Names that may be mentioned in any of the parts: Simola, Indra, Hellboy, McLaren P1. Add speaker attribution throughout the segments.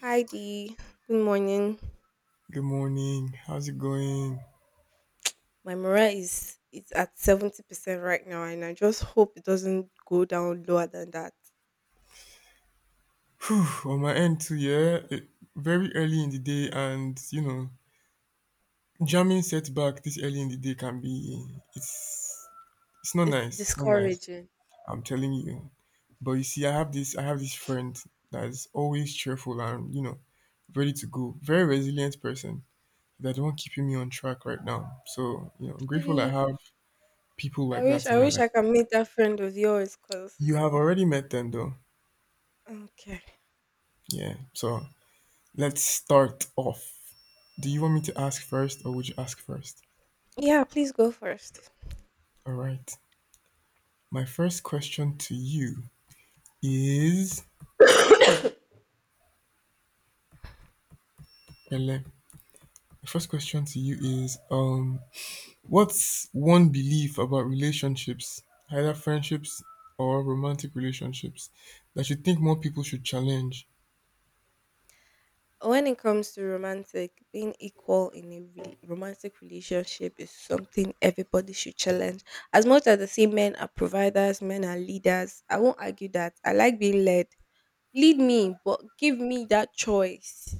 Speaker 1: Hi Dee, good morning.
Speaker 2: Good morning. How's it going?
Speaker 1: My morale is it's at 70% right now, and I just hope it doesn't go down lower than that.
Speaker 2: On my end too, yeah. Very early in the day, and you know, jamming setback this early in the day can be it's it's not
Speaker 1: It's
Speaker 2: nice. It's not nice.
Speaker 1: discouraging.
Speaker 2: I'm telling you. But you see, I have this friend that's always cheerful and you know ready to go. Very resilient person. That the one keeping me on track right now. So you know, I'm grateful I
Speaker 1: Please,
Speaker 2: have people
Speaker 1: I
Speaker 2: like
Speaker 1: wish
Speaker 2: that in
Speaker 1: I
Speaker 2: my
Speaker 1: wish
Speaker 2: life.
Speaker 1: I can meet that friend of yours, cause.
Speaker 2: You have already met them though.
Speaker 1: Okay.
Speaker 2: Yeah. So let's start off. Do you want me to ask first or would you ask first?
Speaker 1: Yeah, please go first.
Speaker 2: All right. My first question to you is Ele, my first question to you is what's one belief about relationships, either friendships or romantic relationships that you think more people should challenge?
Speaker 1: When it comes to romantic, being equal in a romantic relationship is something everybody should challenge. As much as the same men are providers, men are leaders, I won't argue that. I like being led. Lead me, but give me that choice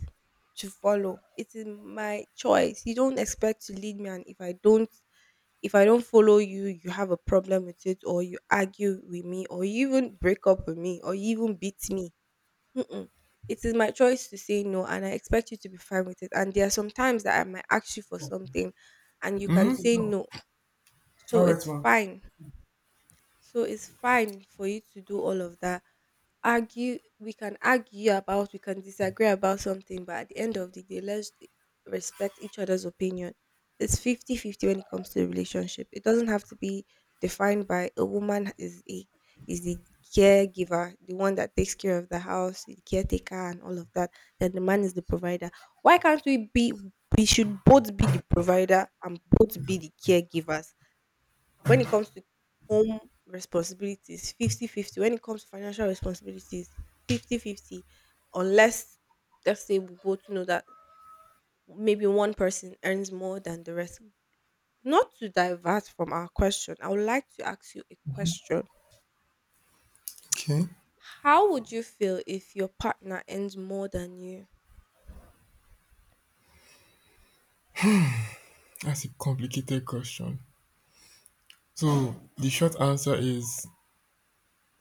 Speaker 1: to follow. It is my choice. You don't expect to lead me, and if I don't follow you, you have a problem with it, or you argue with me, or you even break up with me, or you even beat me. Mm-mm. It is my choice to say no, and I expect you to be fine with it. And there are some times that I might ask you for something and you can
Speaker 2: Hmm.
Speaker 1: say no.
Speaker 2: All
Speaker 1: So
Speaker 2: right,
Speaker 1: it's
Speaker 2: ma.
Speaker 1: fine. So it's fine for you to do all of that. Argue, we can argue about, we can disagree about something, but at the end of the day, let's respect each other's opinion. It's 50-50 when it comes to the relationship. It doesn't have to be defined by a woman is the caregiver, the one that takes care of the house, the caretaker, and all of that. Then the man is the provider. Why can't we be? We should both be the provider and both be the caregivers when it comes to home responsibilities, 50-50. When it comes to financial responsibilities, 50-50. Unless let's say we both know that maybe one person earns more than the rest. Not to divert from our question, I would like to ask you a question.
Speaker 2: Okay,
Speaker 1: How would you feel if your partner earns more than you?
Speaker 2: that's a complicated question. So the short answer is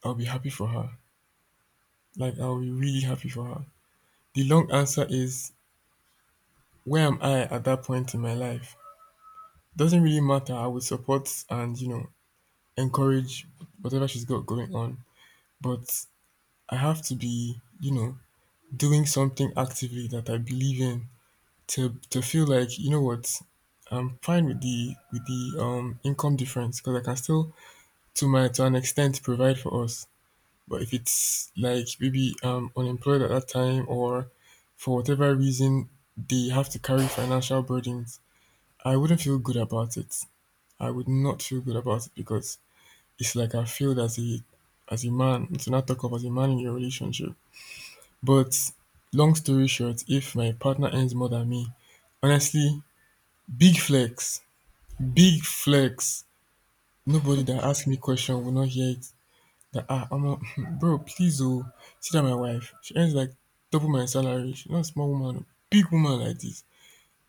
Speaker 2: I'll be happy for her. Like I'll be really happy for her. The long answer is, where am I at that point in my life? Doesn't really matter. I would support and, you know, encourage whatever she's got going on. But I have to be, you know, doing something actively that I believe in to feel like, you know what, I'm fine with the with the income difference because I can still, to an extent, provide for us. But if it's like maybe unemployed at that time or for whatever reason they have to carry financial burdens, I wouldn't feel good about it. I would not feel good about it because it's like I failed as a man, to not talk of as a man in your relationship. But long story short, if my partner earns more than me, honestly, big flex, big flex. Nobody that asks me question will not hear it. That ah, I'm a, bro, please oh, see that my wife. She earns like double my salary. She's not a small woman, big woman like this.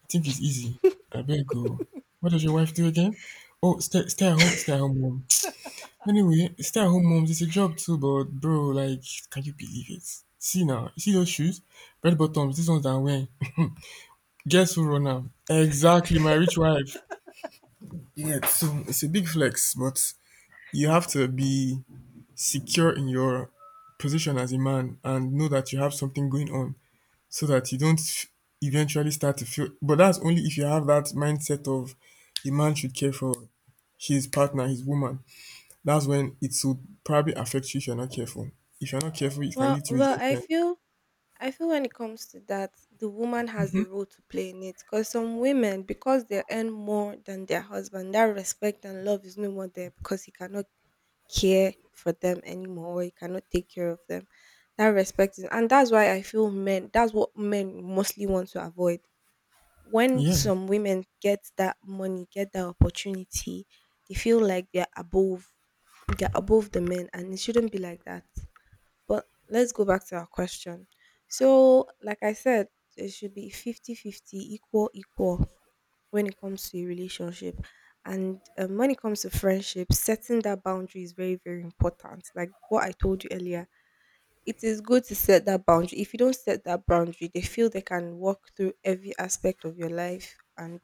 Speaker 2: Think it's easy. I beg go. What does your wife do again? Oh, stay at home mom. Anyway, stay at home moms, it's a job too, but bro, like, can you believe it? See now, you see those shoes? Red bottoms, these ones that I'm wearing. Guess who run them? Exactly, my rich wife. Yeah, so it's a big flex, but you have to be secure in your position as a man and know that you have something going on, so that you don't eventually start to feel. But that's only if you have that mindset of a man should care for his partner, his woman. That's when it will probably affect you if you're not careful. If you're not careful, it can
Speaker 1: Well,
Speaker 2: lead to
Speaker 1: well, I
Speaker 2: resentment.
Speaker 1: feel I feel when it comes to that, the woman has a role to play in it, because some women, because they earn more than their husband, that respect and love is no more there because he cannot care for them anymore or he cannot take care of them. That respect is, and that's why I feel men, that's what men mostly want to avoid. When
Speaker 2: Yeah,
Speaker 1: some women get that money, get that opportunity, they feel like they're above the men, and it shouldn't be like that. But let's go back to our question. So, like I said, it should be 50-50, equal, equal when it comes to a relationship. And when it comes to friendship, setting that boundary is very, very important. Like what I told you earlier, it is good to set that boundary. If you don't set that boundary, they feel they can walk through every aspect of your life, and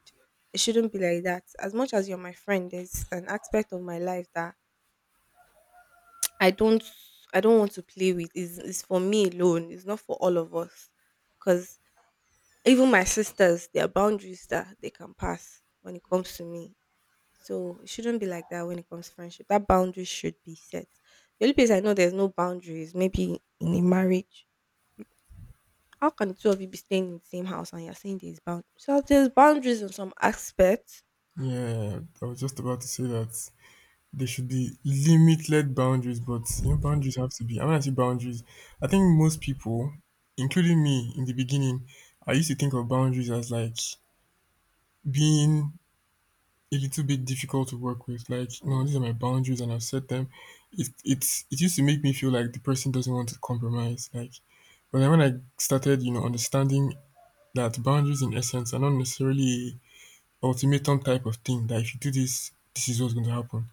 Speaker 1: it shouldn't be like that. As much as you're my friend, there's an aspect of my life that I don't I don't want to play with. It's for me alone. It's not for all of us. Because even my sisters, there are boundaries that they can pass when it comes to me. So it shouldn't be like that when it comes to friendship. That boundary should be set. The only place I know there's no boundaries, maybe in a marriage. How can the two of you be staying in the same house and you're saying there's boundaries? So there's boundaries in some aspects.
Speaker 2: yeah. I was just about to say that there should be limited boundaries, but you know, boundaries have to be. I mean, I say boundaries. I think most people, including me in the beginning, I used to think of boundaries as like being a little bit difficult to work with. Like, no, these are my boundaries and I've set them. It used to make me feel like the person doesn't want to compromise. Like, but then when I started, you know, understanding that boundaries in essence are not necessarily a ultimatum type of thing. That if you do this, this is what's going to happen.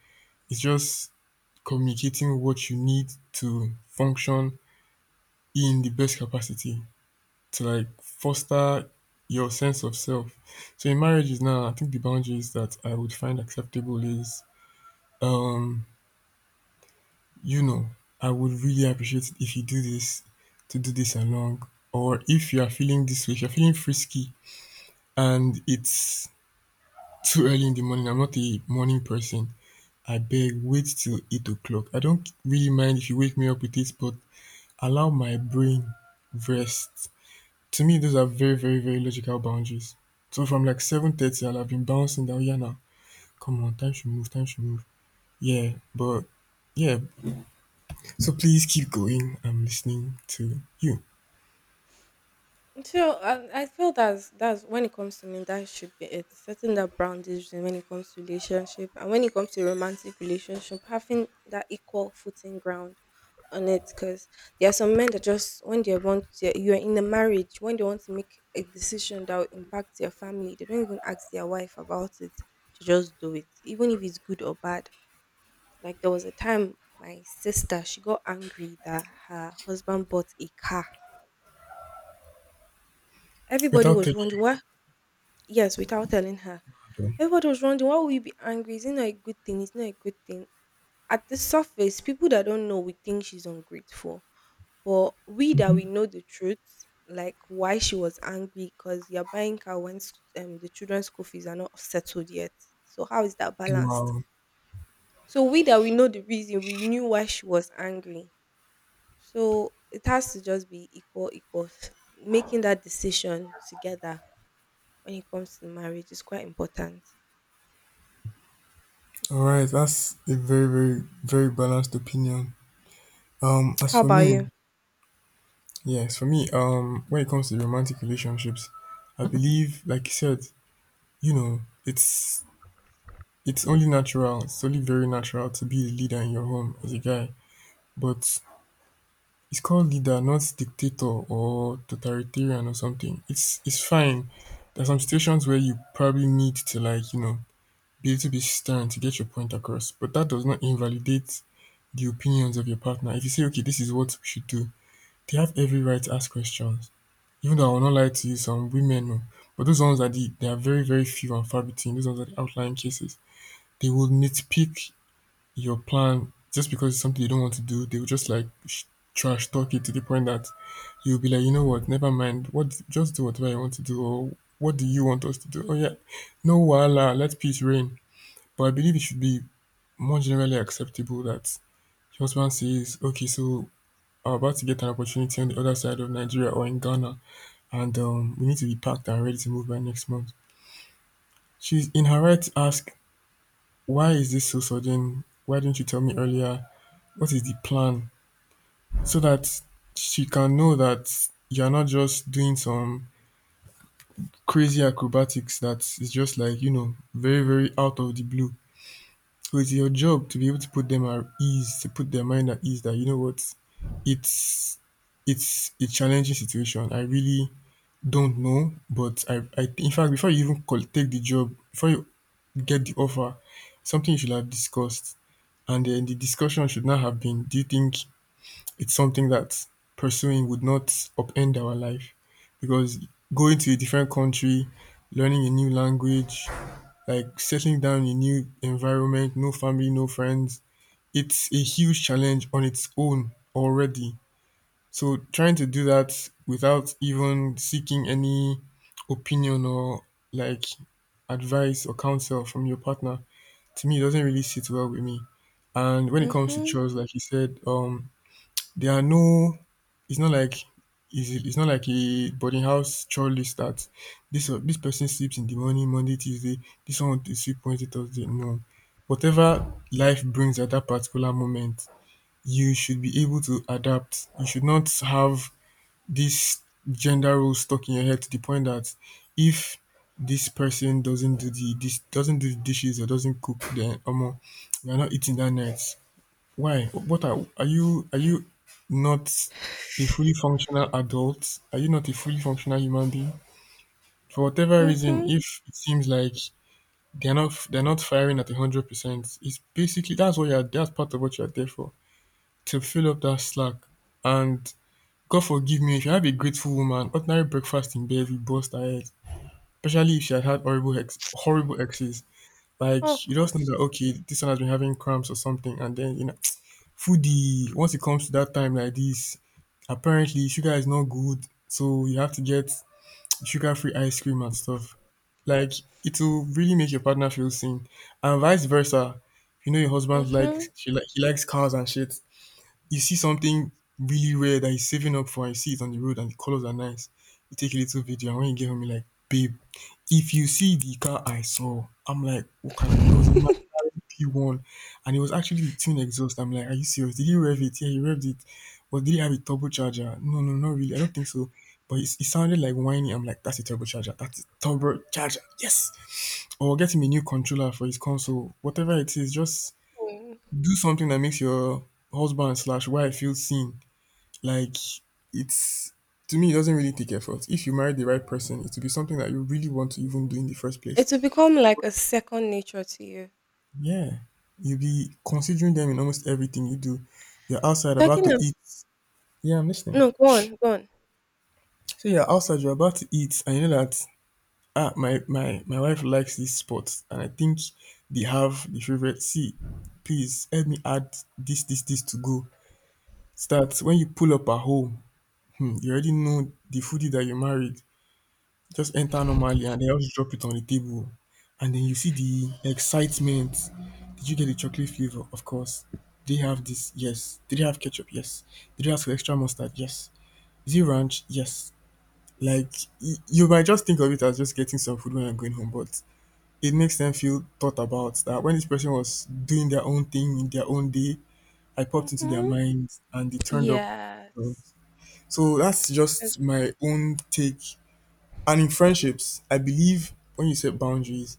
Speaker 2: It's just communicating what you need to function in the best capacity to like foster your sense of self. So in marriages now, I think the boundaries that I would find acceptable is, Um, you know, I would really appreciate it if you do this to do this along, or if you are feeling this way, if you're feeling frisky and it's too early in the morning. I'm not a morning person. I beg, wait till 8 o'clock. I don't really mind if you wake me up with it, but allow my brain rest. To me, those are very, very, very logical boundaries. So from like 7:30, I'll have been bouncing down. Yeah, now come on, time should move, time should move. Yeah, but yeah, So please keep going. I'm listening to you.
Speaker 1: So I feel that's when it comes to me, that should be it, setting that boundaries. And when it comes to relationship, and when it comes to romantic relationship, having that equal footing ground on it, because there are some men that, just when they want to, you're in a marriage, when they want to make a decision that will impact their family, they don't even ask their wife about it, to just do it even if it's good or bad. Like, there was a time my sister, she got angry that her husband bought a car. Everybody
Speaker 2: Without
Speaker 1: was
Speaker 2: telling
Speaker 1: wondering why. Yes, without telling her.
Speaker 2: me. Though.
Speaker 1: Everybody was wondering, why would you be angry? Is it not a good thing? It's not a good thing. At the surface, people that don't know, we think she's ungrateful. But we that we
Speaker 2: Mhm.
Speaker 1: know the truth, like why she was angry, because you're buying car when the children's school fees are not settled yet. So how is that balanced?
Speaker 2: Wow.
Speaker 1: So we that we know the reason, we knew why she was angry. So it has to just be equal, equal. Making that decision together when it comes to marriage is quite important.
Speaker 2: All right, that's a very, very, very balanced opinion. As
Speaker 1: How
Speaker 2: for
Speaker 1: about
Speaker 2: me,
Speaker 1: you?
Speaker 2: yes, for me, when it comes to romantic relationships, I believe, like you said, you know, it's only natural, it's only very natural to be the leader in your home as a guy. But it's called leader, not dictator or totalitarian or something. It's fine. There's some situations where you probably need to like, you know, be a little bit stern to get your point across, but that does not invalidate the opinions of your partner. If you say, okay, this is what we should do, they have every right to ask questions. Even though I will not lie to you, some women, oh, but those ones are the, they are very, very few and far between. Those ones are the outlying cases. They will nitpick your plan just because it's something they don't want to do. They will just like trash talk it to the point that you'll be like, you know what, never mind. What, just do whatever you want to do, or what do you want us to do? Oh yeah, no, voila, let peace reign. But I believe it should be more generally acceptable that your husband says, okay, so I'm about to get an opportunity on the other side of Nigeria or in Ghana, and we need to be packed and ready to move by next month. She's in her right to ask, why is this so sudden? Why didn't you tell me earlier? What is the plan? So that she can know that you're not just doing some crazy acrobatics that is just like, you know, very, very out of the blue. So it's your job to be able to put them at ease, to put their mind at ease that you know what, it's it's a challenging situation. I really don't know, but I think in fact before you even call, take the job, before you get the offer, something you should have discussed, and then the discussion should not have been. Do you think it's something that pursuing would not upend our life? Because going to a different country, learning a new language, like settling down in a new environment, no family, no friends, it's a huge challenge on its own already. So trying to do that without even seeking any opinion or like advice or counsel from your partner, to me, it doesn't really sit well with me. And when it comes to
Speaker 1: Mhm,
Speaker 2: chores, like you said, there are no. It's not like it's not like a boarding house chore list that this person sleeps in the morning Monday Tuesday, this one will sleep Wednesday Thursday. No, whatever life brings at that particular moment, you should be able to adapt. You should not have this gender role stuck in your head to the point that if this person doesn't do the dishes or doesn't cook, then omo, you're not eating that night. Why, what are, are you not a fully functional adult? Are you not a fully functional human being? For whatever reason,
Speaker 1: mhm.
Speaker 2: if it seems like they're not firing at 100%, it's basically that's what you're that's part of what you're there for, to fill up that slack. And God forgive me, if you have a grateful woman, ordinary breakfast in bed will bust her head, especially if she had had horrible horrible exes. Like
Speaker 1: Oh
Speaker 2: you just know
Speaker 1: gosh.
Speaker 2: that okay, this one has been having cramps or something, and then you know, foodie. Once it comes to that time like this, apparently sugar is not good, so you have to get sugar-free ice cream and stuff. Like it will really make your partner feel seen, and vice versa. You know your husband likes,
Speaker 1: Mhm.
Speaker 2: she like he likes cars and shit, you see something really rare that you're saving up for and you see it on the road and the colors are nice, you take a little video and when you get home, you're like, babe, if you see the car I saw, I'm like, what kind of car? It was a McLaren P1, and it was actually the twin exhaust. I'm like, are you serious? Did you rev it? Yeah, you revved it. But did it have a turbocharger? No, no, not really. I don't think so. But it sounded like whiny. I'm like, that's a turbocharger. That's a turbocharger. Yes. Or get him a new controller for his console. Whatever it is, just
Speaker 1: Mm.
Speaker 2: do something that makes your husband/wife feel seen. Like it's to me, it doesn't really take effort. If you marry the right person, it will be something that you really want to even do in the first place.
Speaker 1: It will become like a second nature to you.
Speaker 2: Yeah, you'll be considering them in almost everything you do. You're outside about
Speaker 1: Talking
Speaker 2: to
Speaker 1: of,
Speaker 2: eat. Yeah, I'm listening.
Speaker 1: no, go on, go on.
Speaker 2: So you're outside, you're about to eat, and you know that my wife likes this spot, and I think they have the favorite. See, please help me add this to go. Start when you pull up at home. Hmm, you already know the foodie that you married. Just enter normally and then just drop it on the table. And then you see the excitement. Did you get the chocolate flavor? Of course. Did they have this? Yes. Did they have ketchup? Yes. Did they ask for extra mustard? Yes. Is it ranch? Yes. Like, you might just think of it as just getting some food when you're going home, but it makes them feel thought about that when this person was doing their own thing in their own day, I popped into their
Speaker 1: Mhm.
Speaker 2: mind and they turned up. So
Speaker 1: Yes.
Speaker 2: so that's
Speaker 1: As,
Speaker 2: just my own take. And in friendships, I believe when you set boundaries,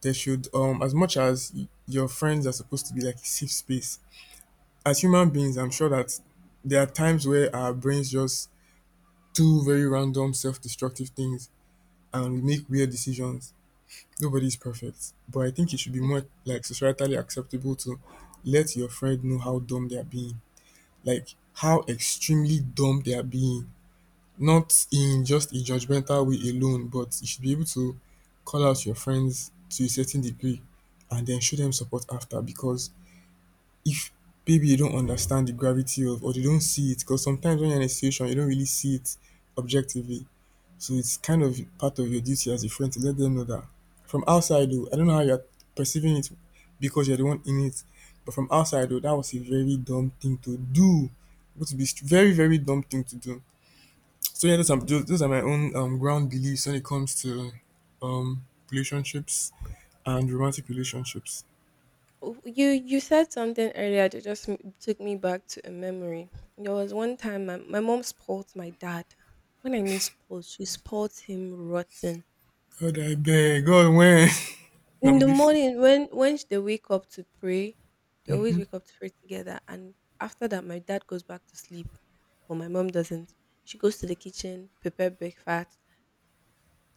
Speaker 2: there should, as much as your friends are supposed to be like a safe space, as human beings, I'm sure that there are times where our brains just do very random, self destructive things and we make weird decisions. Nobody's perfect. But I think it should be more like societally acceptable to let your friend know how dumb they are being, like how extremely dumb they are being, not in just a judgmental way alone, but you should be able to call out your friends to a certain degree and then show them support after, because if maybe you don't understand the gravity of, or they don't see it because sometimes when you're in a situation you don't really see it objectively, so it's kind of part of your duty as a friend to let them know that from outside, though, I don't know how you're perceiving it because you're the one in it. But from outside though, that was a very dumb thing to do. It would be very very dumb thing to do. So yeah, those are my own ground beliefs when it comes to relationships and romantic relationships.
Speaker 1: you said something earlier that just took me back to a memory. There was one time my mom spoiled my dad. When I mean spoiled, she spoiled him rotten.
Speaker 2: God, I beg. God, when no,
Speaker 1: In
Speaker 2: I'm
Speaker 1: the
Speaker 2: listening,
Speaker 1: morning, when they wake up to pray, they always wake up to pray together, and after that my dad goes back to sleep, but my mom doesn't. She goes to the kitchen, prepare breakfast,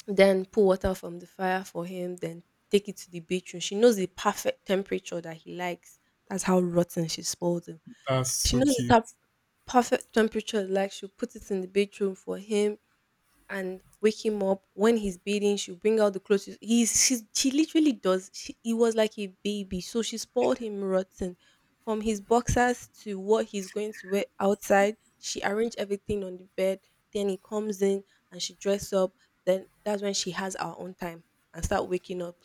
Speaker 1: then pull water from the fire for him, then take it to the bedroom. She knows the perfect temperature that he likes. That's how rotten she spoiled him.
Speaker 2: that's
Speaker 1: She
Speaker 2: so
Speaker 1: knows the
Speaker 2: cute.
Speaker 1: top perfect temperature, like, she'll put it in the bedroom for him and wake him up. When he's bathing, she'll bring out the clothes. He's she. she literally does. He was like a baby, so she spoiled him rotten. From his boxers to what he's going to wear outside, she arranged everything on the bed. Then he comes in and she dress up. Then that's when she has our own time and start waking up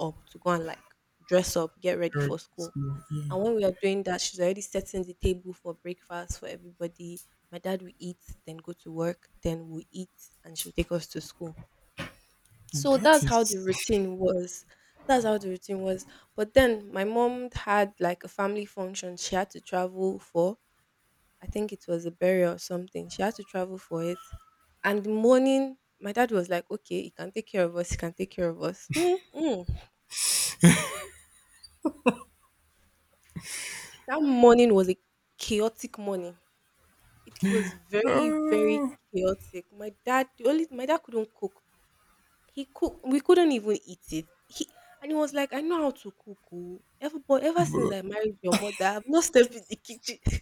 Speaker 1: up to go and, like, dress up, get ready for
Speaker 2: So,
Speaker 1: school.
Speaker 2: yeah,
Speaker 1: And when we are doing that, she's already setting the table for breakfast for everybody. My dad will eat, then go to work, then we'll eat, and she'll take us to school. So
Speaker 2: that
Speaker 1: that's how
Speaker 2: is.
Speaker 1: the routine was. That's how the routine was. But then my mom had like a family function she had to travel for. I think it was a burial or something. She had to travel for it. And the morning, my dad was like, okay, he can take care of us. He can take care of us. Mm-mm. That morning was a chaotic morning. It was very, very
Speaker 2: Oh,
Speaker 1: chaotic. My dad, the only my dad couldn't cook. He cook, we couldn't even eat it. He and he was like, "I know how to cook oh. Ever since
Speaker 2: but,
Speaker 1: I married your mother, I've not stepped in the kitchen."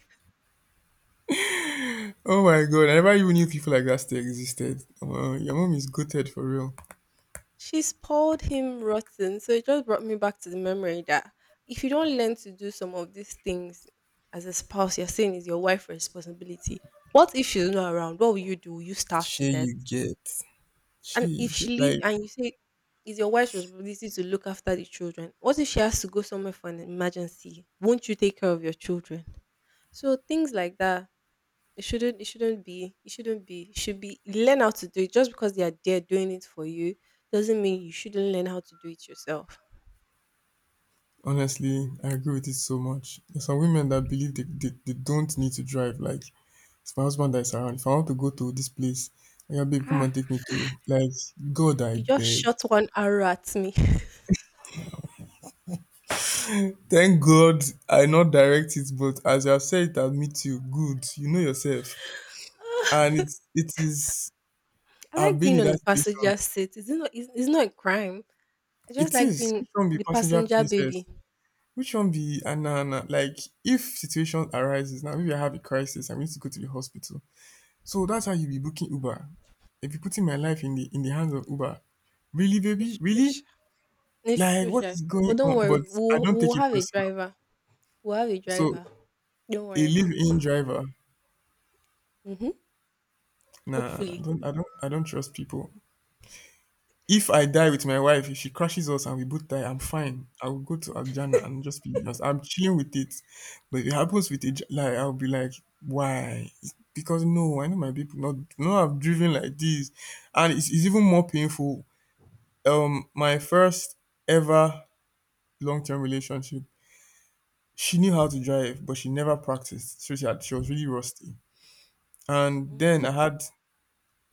Speaker 2: oh my God! I never even knew people like that still existed. Your mom is gutted for real.
Speaker 1: She spoiled him rotten. So it just brought me back to the memory that, if you don't learn to do some of these things as a spouse, you're saying is your wife's responsibility. What if she's not around? What will you do? Will you starve to
Speaker 2: Share
Speaker 1: death?
Speaker 2: you get.
Speaker 1: And
Speaker 2: Share you
Speaker 1: if she
Speaker 2: get.
Speaker 1: leave
Speaker 2: Like
Speaker 1: and you say it's your wife's responsibility to look after the children, what if she has to go somewhere for an emergency? Won't you take care of your children? So things like that, it shouldn't be it shouldn't be it should be learn how to do it. Just because they are there doing it for you doesn't mean you shouldn't learn how to do it yourself.
Speaker 2: honestly, I agree with it so much. There's some women that believe they don't need to drive. Like it's my husband that is around. If I want to go to this place, yeah, babe, come
Speaker 1: Ah,
Speaker 2: and take me to, like, God I
Speaker 1: you just
Speaker 2: beg.
Speaker 1: shot one arrow at me.
Speaker 2: Thank God I not direct it, but as you have said it, I'll meet you. Good. You know yourself. And it is.
Speaker 1: I
Speaker 2: I've
Speaker 1: like
Speaker 2: been
Speaker 1: being
Speaker 2: in
Speaker 1: on the
Speaker 2: that situation.
Speaker 1: passenger seat. It's not a crime. I just
Speaker 2: It
Speaker 1: like
Speaker 2: is.
Speaker 1: being
Speaker 2: Which one be
Speaker 1: the
Speaker 2: passenger
Speaker 1: passenger
Speaker 2: princess?
Speaker 1: baby.
Speaker 2: Which one be Anna Anna? Like if situation arises now, maybe I have a crisis, I need to go to the hospital. So that's how you be booking Uber. If you're putting my life in the hands of Uber, really, baby,
Speaker 1: It's true,
Speaker 2: really,
Speaker 1: sha. It's
Speaker 2: like,
Speaker 1: true,
Speaker 2: what
Speaker 1: sha.
Speaker 2: is
Speaker 1: But
Speaker 2: going
Speaker 1: don't
Speaker 2: on?
Speaker 1: worry,
Speaker 2: But I
Speaker 1: we'll
Speaker 2: don't
Speaker 1: we'll
Speaker 2: take it
Speaker 1: have a
Speaker 2: personal.
Speaker 1: driver. We'll have a
Speaker 2: So
Speaker 1: driver. Don't
Speaker 2: a
Speaker 1: worry.
Speaker 2: live-in driver,
Speaker 1: Mm-hmm.
Speaker 2: nah,
Speaker 1: Hopefully.
Speaker 2: I don't trust people. If I die with my wife, if she crashes us and we both die, I'm fine. I will go to Aljana and just be just I'm chilling with it. But if it happens with a like, I'll be like, why? Because no, I know my people not have driven like this, and it's even more painful. My first ever long-term relationship, she knew how to drive, but she never practiced, so she was really rusty. And
Speaker 1: Mm.
Speaker 2: then I had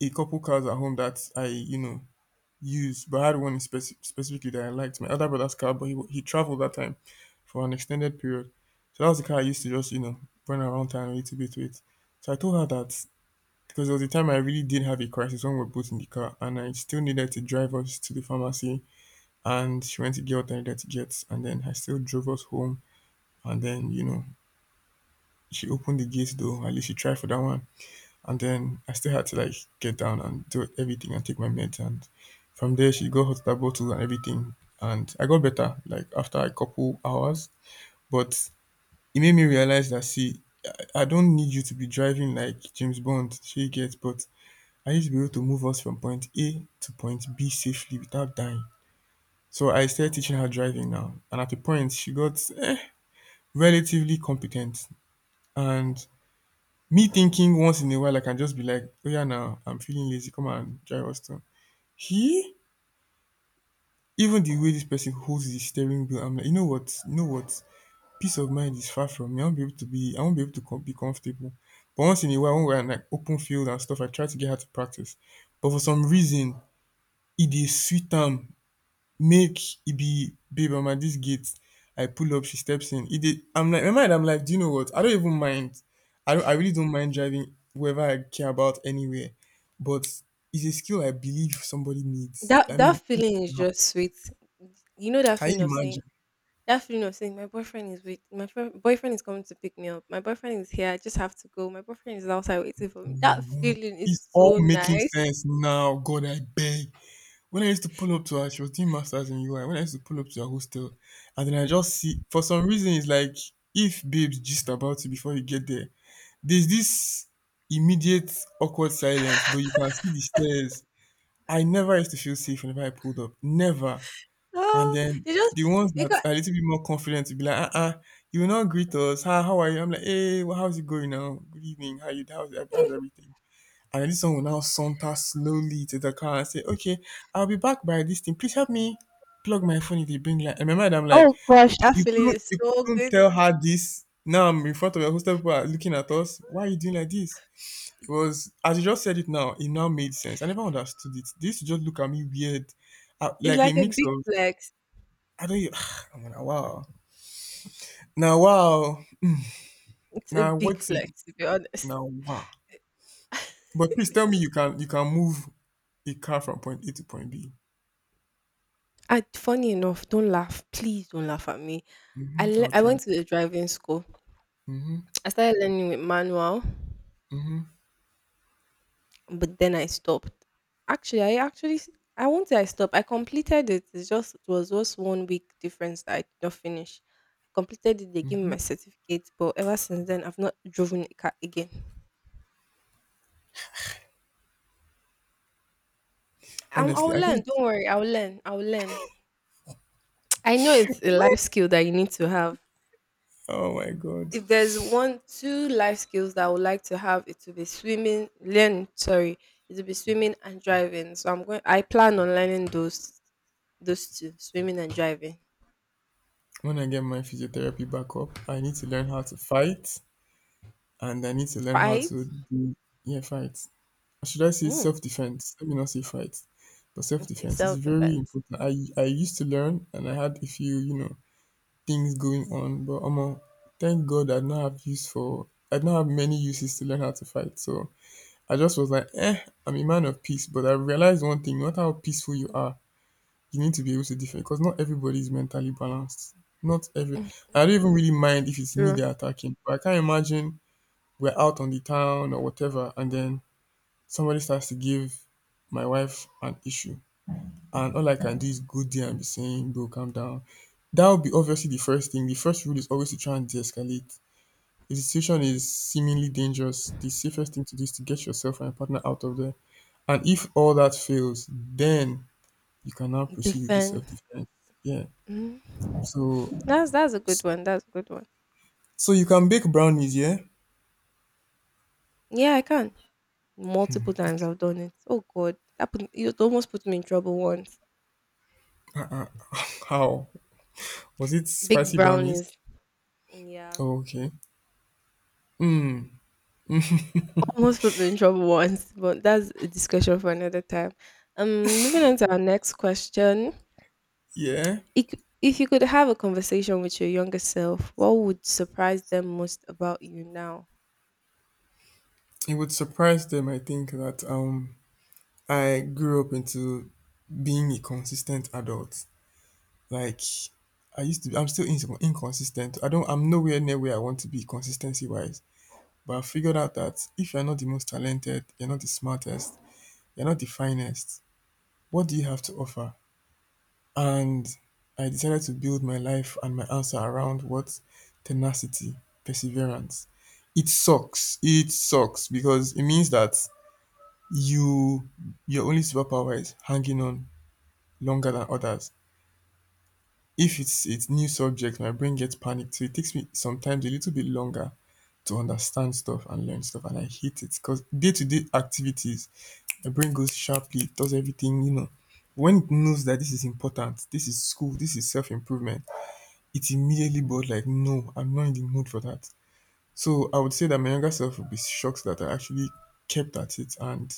Speaker 2: a couple cars at home that I, you know, used, but I had one specifically that I liked. My other brother's car, but he traveled that time for an extended period. So that was the car I used to just, you know, run around town a little bit with. So I told her that, because there was a time I really did have a crisis when we were both in the car and I still needed to drive us to the pharmacy, and she went to get what I needed to get, and then I still drove us home. And then, you know, she opened the gate though, at least she tried for that one. And then I still had to like get down and do everything and take my meds. And from there, she got hospital bottles and everything. And I got better like after a couple hours. But it made me realize that see, I don't need you to be driving like James Bond. She gets, but I need to be able to move us from point A to point B safely without dying. So I started teaching her driving now. And at a point, she got relatively competent. And me thinking once in a while, I can just be like, oh yeah, now I'm feeling lazy. Come on, drive us to. He, even the way this person holds the steering wheel, I'm like, you know what, peace of mind is far from me. I won't be able to be, I won't be able to be comfortable. But once in a while, when we're in like open field and stuff, I try to get her to practice. But for some reason, it is sweet time. Make it be, babe, I'm at this gate. I pull up, she steps in. It did, I'm like, in my mind, I'm like, do you know what? I don't even mind. I really don't mind driving wherever I care about anywhere. But it's a skill I believe somebody needs.
Speaker 1: That
Speaker 2: I
Speaker 1: that
Speaker 2: mean,
Speaker 1: feeling is just sweet. You know that
Speaker 2: can
Speaker 1: feeling of
Speaker 2: you
Speaker 1: saying,
Speaker 2: imagine?
Speaker 1: that feeling of saying, my boyfriend is, wait, my friend, boyfriend is coming to pick me up. My boyfriend is here. I just have to go. My boyfriend is outside waiting for me. That
Speaker 2: Owo.
Speaker 1: feeling is
Speaker 2: It's all
Speaker 1: so
Speaker 2: making
Speaker 1: nice.
Speaker 2: sense now. God, I beg. When I used to pull up to her, she was doing masters in UI. When I used to pull up to her hostel, and then I just see for some reason it's like if babes gist about you before you get there, there's this immediate awkward silence, but you can see the stairs. I never used to feel safe whenever I pulled up. Never. And
Speaker 1: Oh,
Speaker 2: then
Speaker 1: you just
Speaker 2: the ones that
Speaker 1: because
Speaker 2: are a little bit more confident will be like, uh-uh, you will not greet us. How are you? I'm like, hey, well, how's it going now? Good evening. How you how's everything? And then this one will now saunter slowly to the car and say, okay, I'll be back by this thing. Please help me plug my phone in the bring light. And my mind, I'm like,
Speaker 1: that feeling is
Speaker 2: you
Speaker 1: so
Speaker 2: couldn't
Speaker 1: good.
Speaker 2: tell her this. Now I'm in front of your hostel, people are looking at us. Why are you doing like this? It was as you just said it now made sense. I never understood it. This just look at me weird.
Speaker 1: It's
Speaker 2: Like a
Speaker 1: like a
Speaker 2: mix
Speaker 1: big
Speaker 2: of
Speaker 1: flex.
Speaker 2: I don't. I'm gonna wow. Now wow.
Speaker 1: It's a
Speaker 2: Now
Speaker 1: big
Speaker 2: what's it?
Speaker 1: flex, to be honest.
Speaker 2: Now wow. But please tell me you can move a car from point A to point B.
Speaker 1: I, funny enough, don't laugh. Please don't laugh at me.
Speaker 2: Hmm, I'll
Speaker 1: I
Speaker 2: try.
Speaker 1: went to a driving school.
Speaker 2: Hmm.
Speaker 1: I started learning with manual.
Speaker 2: Hmm.
Speaker 1: But then I stopped. Actually, I won't say I stopped. I completed it. It was just one week difference that I did not finish. I completed it. They gave me
Speaker 2: Hmm.
Speaker 1: my certificate, but ever since then I've not driven a car again. I'll
Speaker 2: Honestly, I
Speaker 1: learn.
Speaker 2: think.
Speaker 1: Don't worry. I'll learn. I'll learn. I know it's a life skill that you need to have.
Speaker 2: Oh my god.
Speaker 1: If there's one, two life skills that I would like to have, it will be swimming. Learn. Sorry, it will be swimming and driving. So I'm going. I plan on learning those two, swimming and driving.
Speaker 2: When I get my physiotherapy back up, I need to learn how to fight, and I need to learn how
Speaker 1: Right?
Speaker 2: to do, yeah, fight. Or should I say
Speaker 1: Mm.
Speaker 2: self defense? Let me not say fight, but self
Speaker 1: Okay,
Speaker 2: defense is
Speaker 1: self
Speaker 2: very
Speaker 1: defense.
Speaker 2: important. I used to learn, and I had a few, you know, things going on. But omo, thank God I now have use for, I now have many uses to learn how to fight. So I just was like, eh, I'm a man of peace. But I realized one thing: no matter how peaceful you are, you need to be able to defend because not everybody is mentally balanced. Not every. I don't even really mind if it's me
Speaker 1: True.
Speaker 2: they're attacking, but I can't imagine we're out on the town or whatever, and then somebody starts to give my wife an issue, and all I can do is go there and be saying, "Bro, calm down." That would be obviously the first thing. The first rule is always to try and de-escalate. If the situation is seemingly dangerous, the safest thing to do is to get yourself and your partner out of there. And if all that fails, then you can now proceed with the
Speaker 1: Defend.
Speaker 2: self-defense. Yeah.
Speaker 1: Mm.
Speaker 2: So,
Speaker 1: That's a good one. That's a good one.
Speaker 2: so you can bake brownies, yeah?
Speaker 1: Yeah, I can. Multiple times I've done it. Oh God, it almost put me in trouble once.
Speaker 2: Uh-uh. How? Was it
Speaker 1: Big
Speaker 2: spicy brownies?
Speaker 1: brownies. Yeah,
Speaker 2: Oh, okay.
Speaker 1: almost put me in trouble once, but that's a discussion for another time. Moving on to our next question.
Speaker 2: Yeah,
Speaker 1: If if you could have a conversation with your younger self, what would surprise them most about you now?
Speaker 2: it would surprise them. I think that I grew up into being a consistent adult. Like I used to, be, I'm still inconsistent. I don't, I'm nowhere near where I want to be consistency wise. But I figured out that if you're not the most talented, you're not the smartest, you're not the finest, what do you have to offer? And I decided to build my life and my answer around what tenacity, perseverance. It sucks. It sucks because it means that you your only superpower is hanging on longer than others. If its a new subject my brain gets panicked, so it takes me sometimes a little bit longer to understand stuff and learn stuff, and I hate it cuz day-to-day activities my brain goes sharply, it does everything you know. When it knows that this is important, this is school, this is self improvement, it immediately but like no, I'm not in the mood for that. So I would say that my younger self would be shocked that I actually kept at it and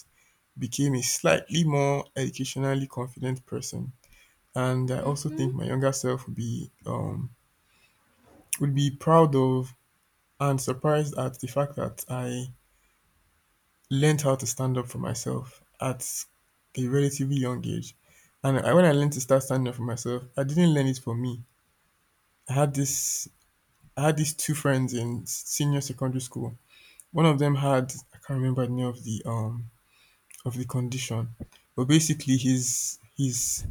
Speaker 2: became a slightly more educationally confident person. And I also
Speaker 1: Mm-hmm.
Speaker 2: think my younger self would be proud of and surprised at the fact that I learned how to stand up for myself at a relatively young age. And I, when I learned to start standing up for myself, I didn't learn it for me. I had this, I had these two friends in senior secondary school. One of them had, I can't remember the name of the condition, but basically his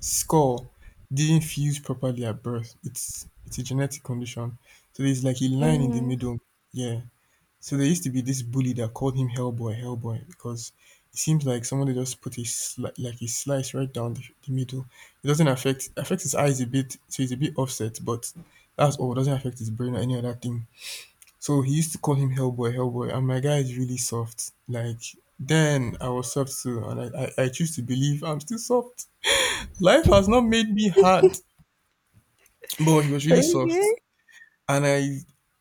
Speaker 2: skull didn't fuse properly at birth. It's a genetic condition, so there's like a line in the
Speaker 1: Mm.
Speaker 2: middle. Yeah. So there used to be this bully that called him Hellboy, Hellboy, because it seems like somebody just put a like a slice right down the middle. It doesn't affects his eyes a bit, so he's a bit offset, but that's all. It doesn't affect his brain or any other thing. So he used to call him Hellboy, Hellboy, and my guy is really soft. Like then I was soft too, and I choose to believe I'm still soft. Life has not made me hard, but he was really soft,
Speaker 1: Okay.
Speaker 2: and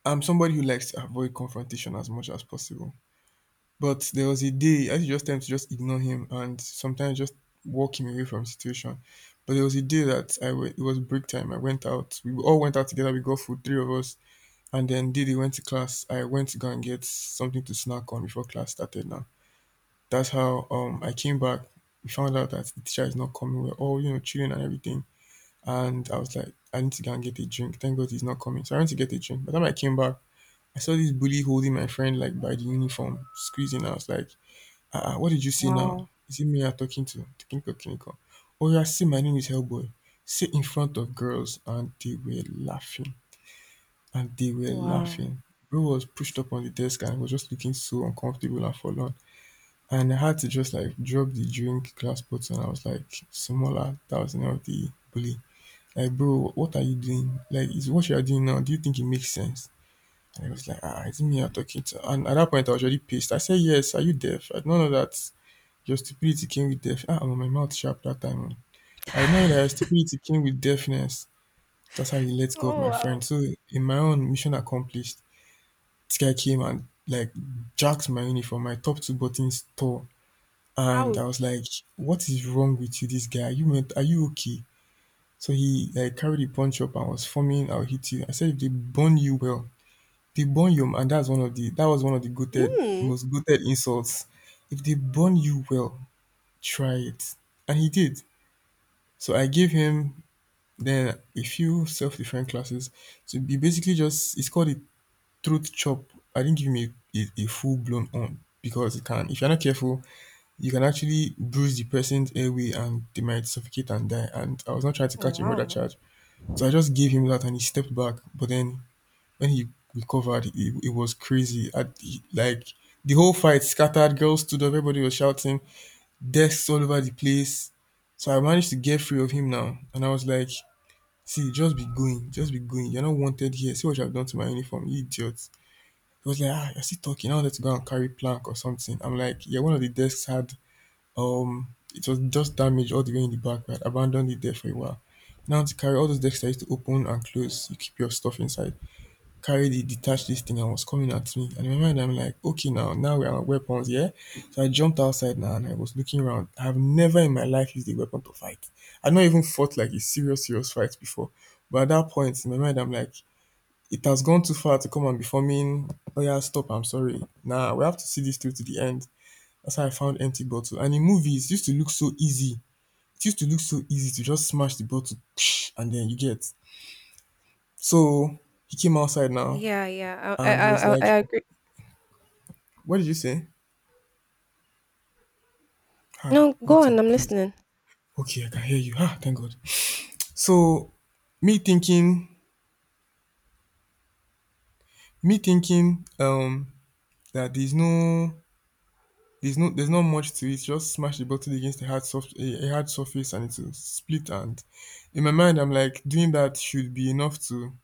Speaker 2: I'm somebody who likes to avoid confrontation as much as possible. But there was a day I just tend to just ignore him and sometimes just walk him away from the situation. But there was a day that it was break time. I went out. We all went out together. We got food, three of us. And then Didi went to class. I went to go and get something to snack on before class started. Now that's how I came back. We found out that the teacher is not coming. We're all you know chilling and everything. And I was like, I need to go and get a drink. Thank God he's not coming. So I went to get a drink. By the time I came back, I saw this bully holding my friend like by the uniform, squeezing. I was like, "Ah, ah, what did you say now?
Speaker 1: Wow.
Speaker 2: Is it me you're talking to? Kinko Kinko. Oh, yeah, see, my name is Hellboy." Say in front of girls, and they were laughing. And they were
Speaker 1: Wow.
Speaker 2: laughing. Bro was pushed up on the desk and was just looking so uncomfortable and forlorn. And I had to just like drop the drink glass bottle. And I was like, "Simola," that was the name of the bully. "Like, bro, what are you doing? Like, is what you are doing now? Do you think it makes sense?" And I was like, "Ah, is it me you're talking to?" And at that point, I was already pissed. I said, "Yes, are you deaf? I don't know that your stupidity came with deaf." Ah, I'm on my mouth sharp that time. Oh. "I know that your stupidity came with deafness. That's how you let go of
Speaker 1: Oh
Speaker 2: my friend."
Speaker 1: wow.
Speaker 2: So in my own mission accomplished, this guy came and like jacked my uniform. My top two buttons tore, and I was
Speaker 1: Ouch.
Speaker 2: like, "What is wrong with you, this guy? Are you meant? Are you okay?" So he like carried the punch up and was forming, "I'll hit you." I said, "If they burn you, well, they burn you." And that's one of the that was one of the goated, the
Speaker 1: Mm.
Speaker 2: most goated insults. If they burn you, well, try it. And he did. So I gave him then a few self defense classes. So he basically just it's called a throat chop. I didn't give him a full blown on because it can, if you're not careful, you can actually bruise the person's airway and they might suffocate and die. And I was not trying to
Speaker 1: Oh,
Speaker 2: catch a murder
Speaker 1: wow.
Speaker 2: charge. So I just gave him that and he stepped back. But then when he recovered, it was crazy. Like the whole fight scattered, girls stood up, everybody was shouting, desks all over the place. So I managed to get free of him now. And I was like, "See, just be going, just be going. You're not wanted here. See what you have done to my uniform, you idiot." He was like, "Ah, you're still talking." I wanted to go and carry plank or something. I'm like, yeah, one of the desks had, um, it was just damaged all the way in the back, but I abandoned it there for a while. Now to carry all those desks I used to open and close, you keep your stuff inside. Carried the detached this thing and was coming at me. And in my mind, I'm like, okay, now, now we are weapons, yeah? So I jumped outside now and I was looking around. I have never in my life used a weapon to fight. I've not even fought like a serious, serious fight before. But at that point, in my mind, I'm like, it has gone too far to come and be forming, "Oh yeah, stop, I'm sorry." Nah, we have to see this through to the end. That's how I found empty bottle. And in movies, it used to look so easy. It used to look so easy to just smash the bottle and then you get. So he came outside now
Speaker 1: Yeah, yeah. I, I,
Speaker 2: and he was
Speaker 1: I, I I
Speaker 2: like,
Speaker 1: agree.
Speaker 2: "What did you say? Ah,
Speaker 1: No, go on.
Speaker 2: network,
Speaker 1: I'm
Speaker 2: please.
Speaker 1: listening.
Speaker 2: Okay, I can hear you. Ah, thank God." So me thinking, me thinking, that there's no, there's not much to it. Just smash the bottle against a hard surface, and it'll split. And in my mind, I'm like, doing that should be enough to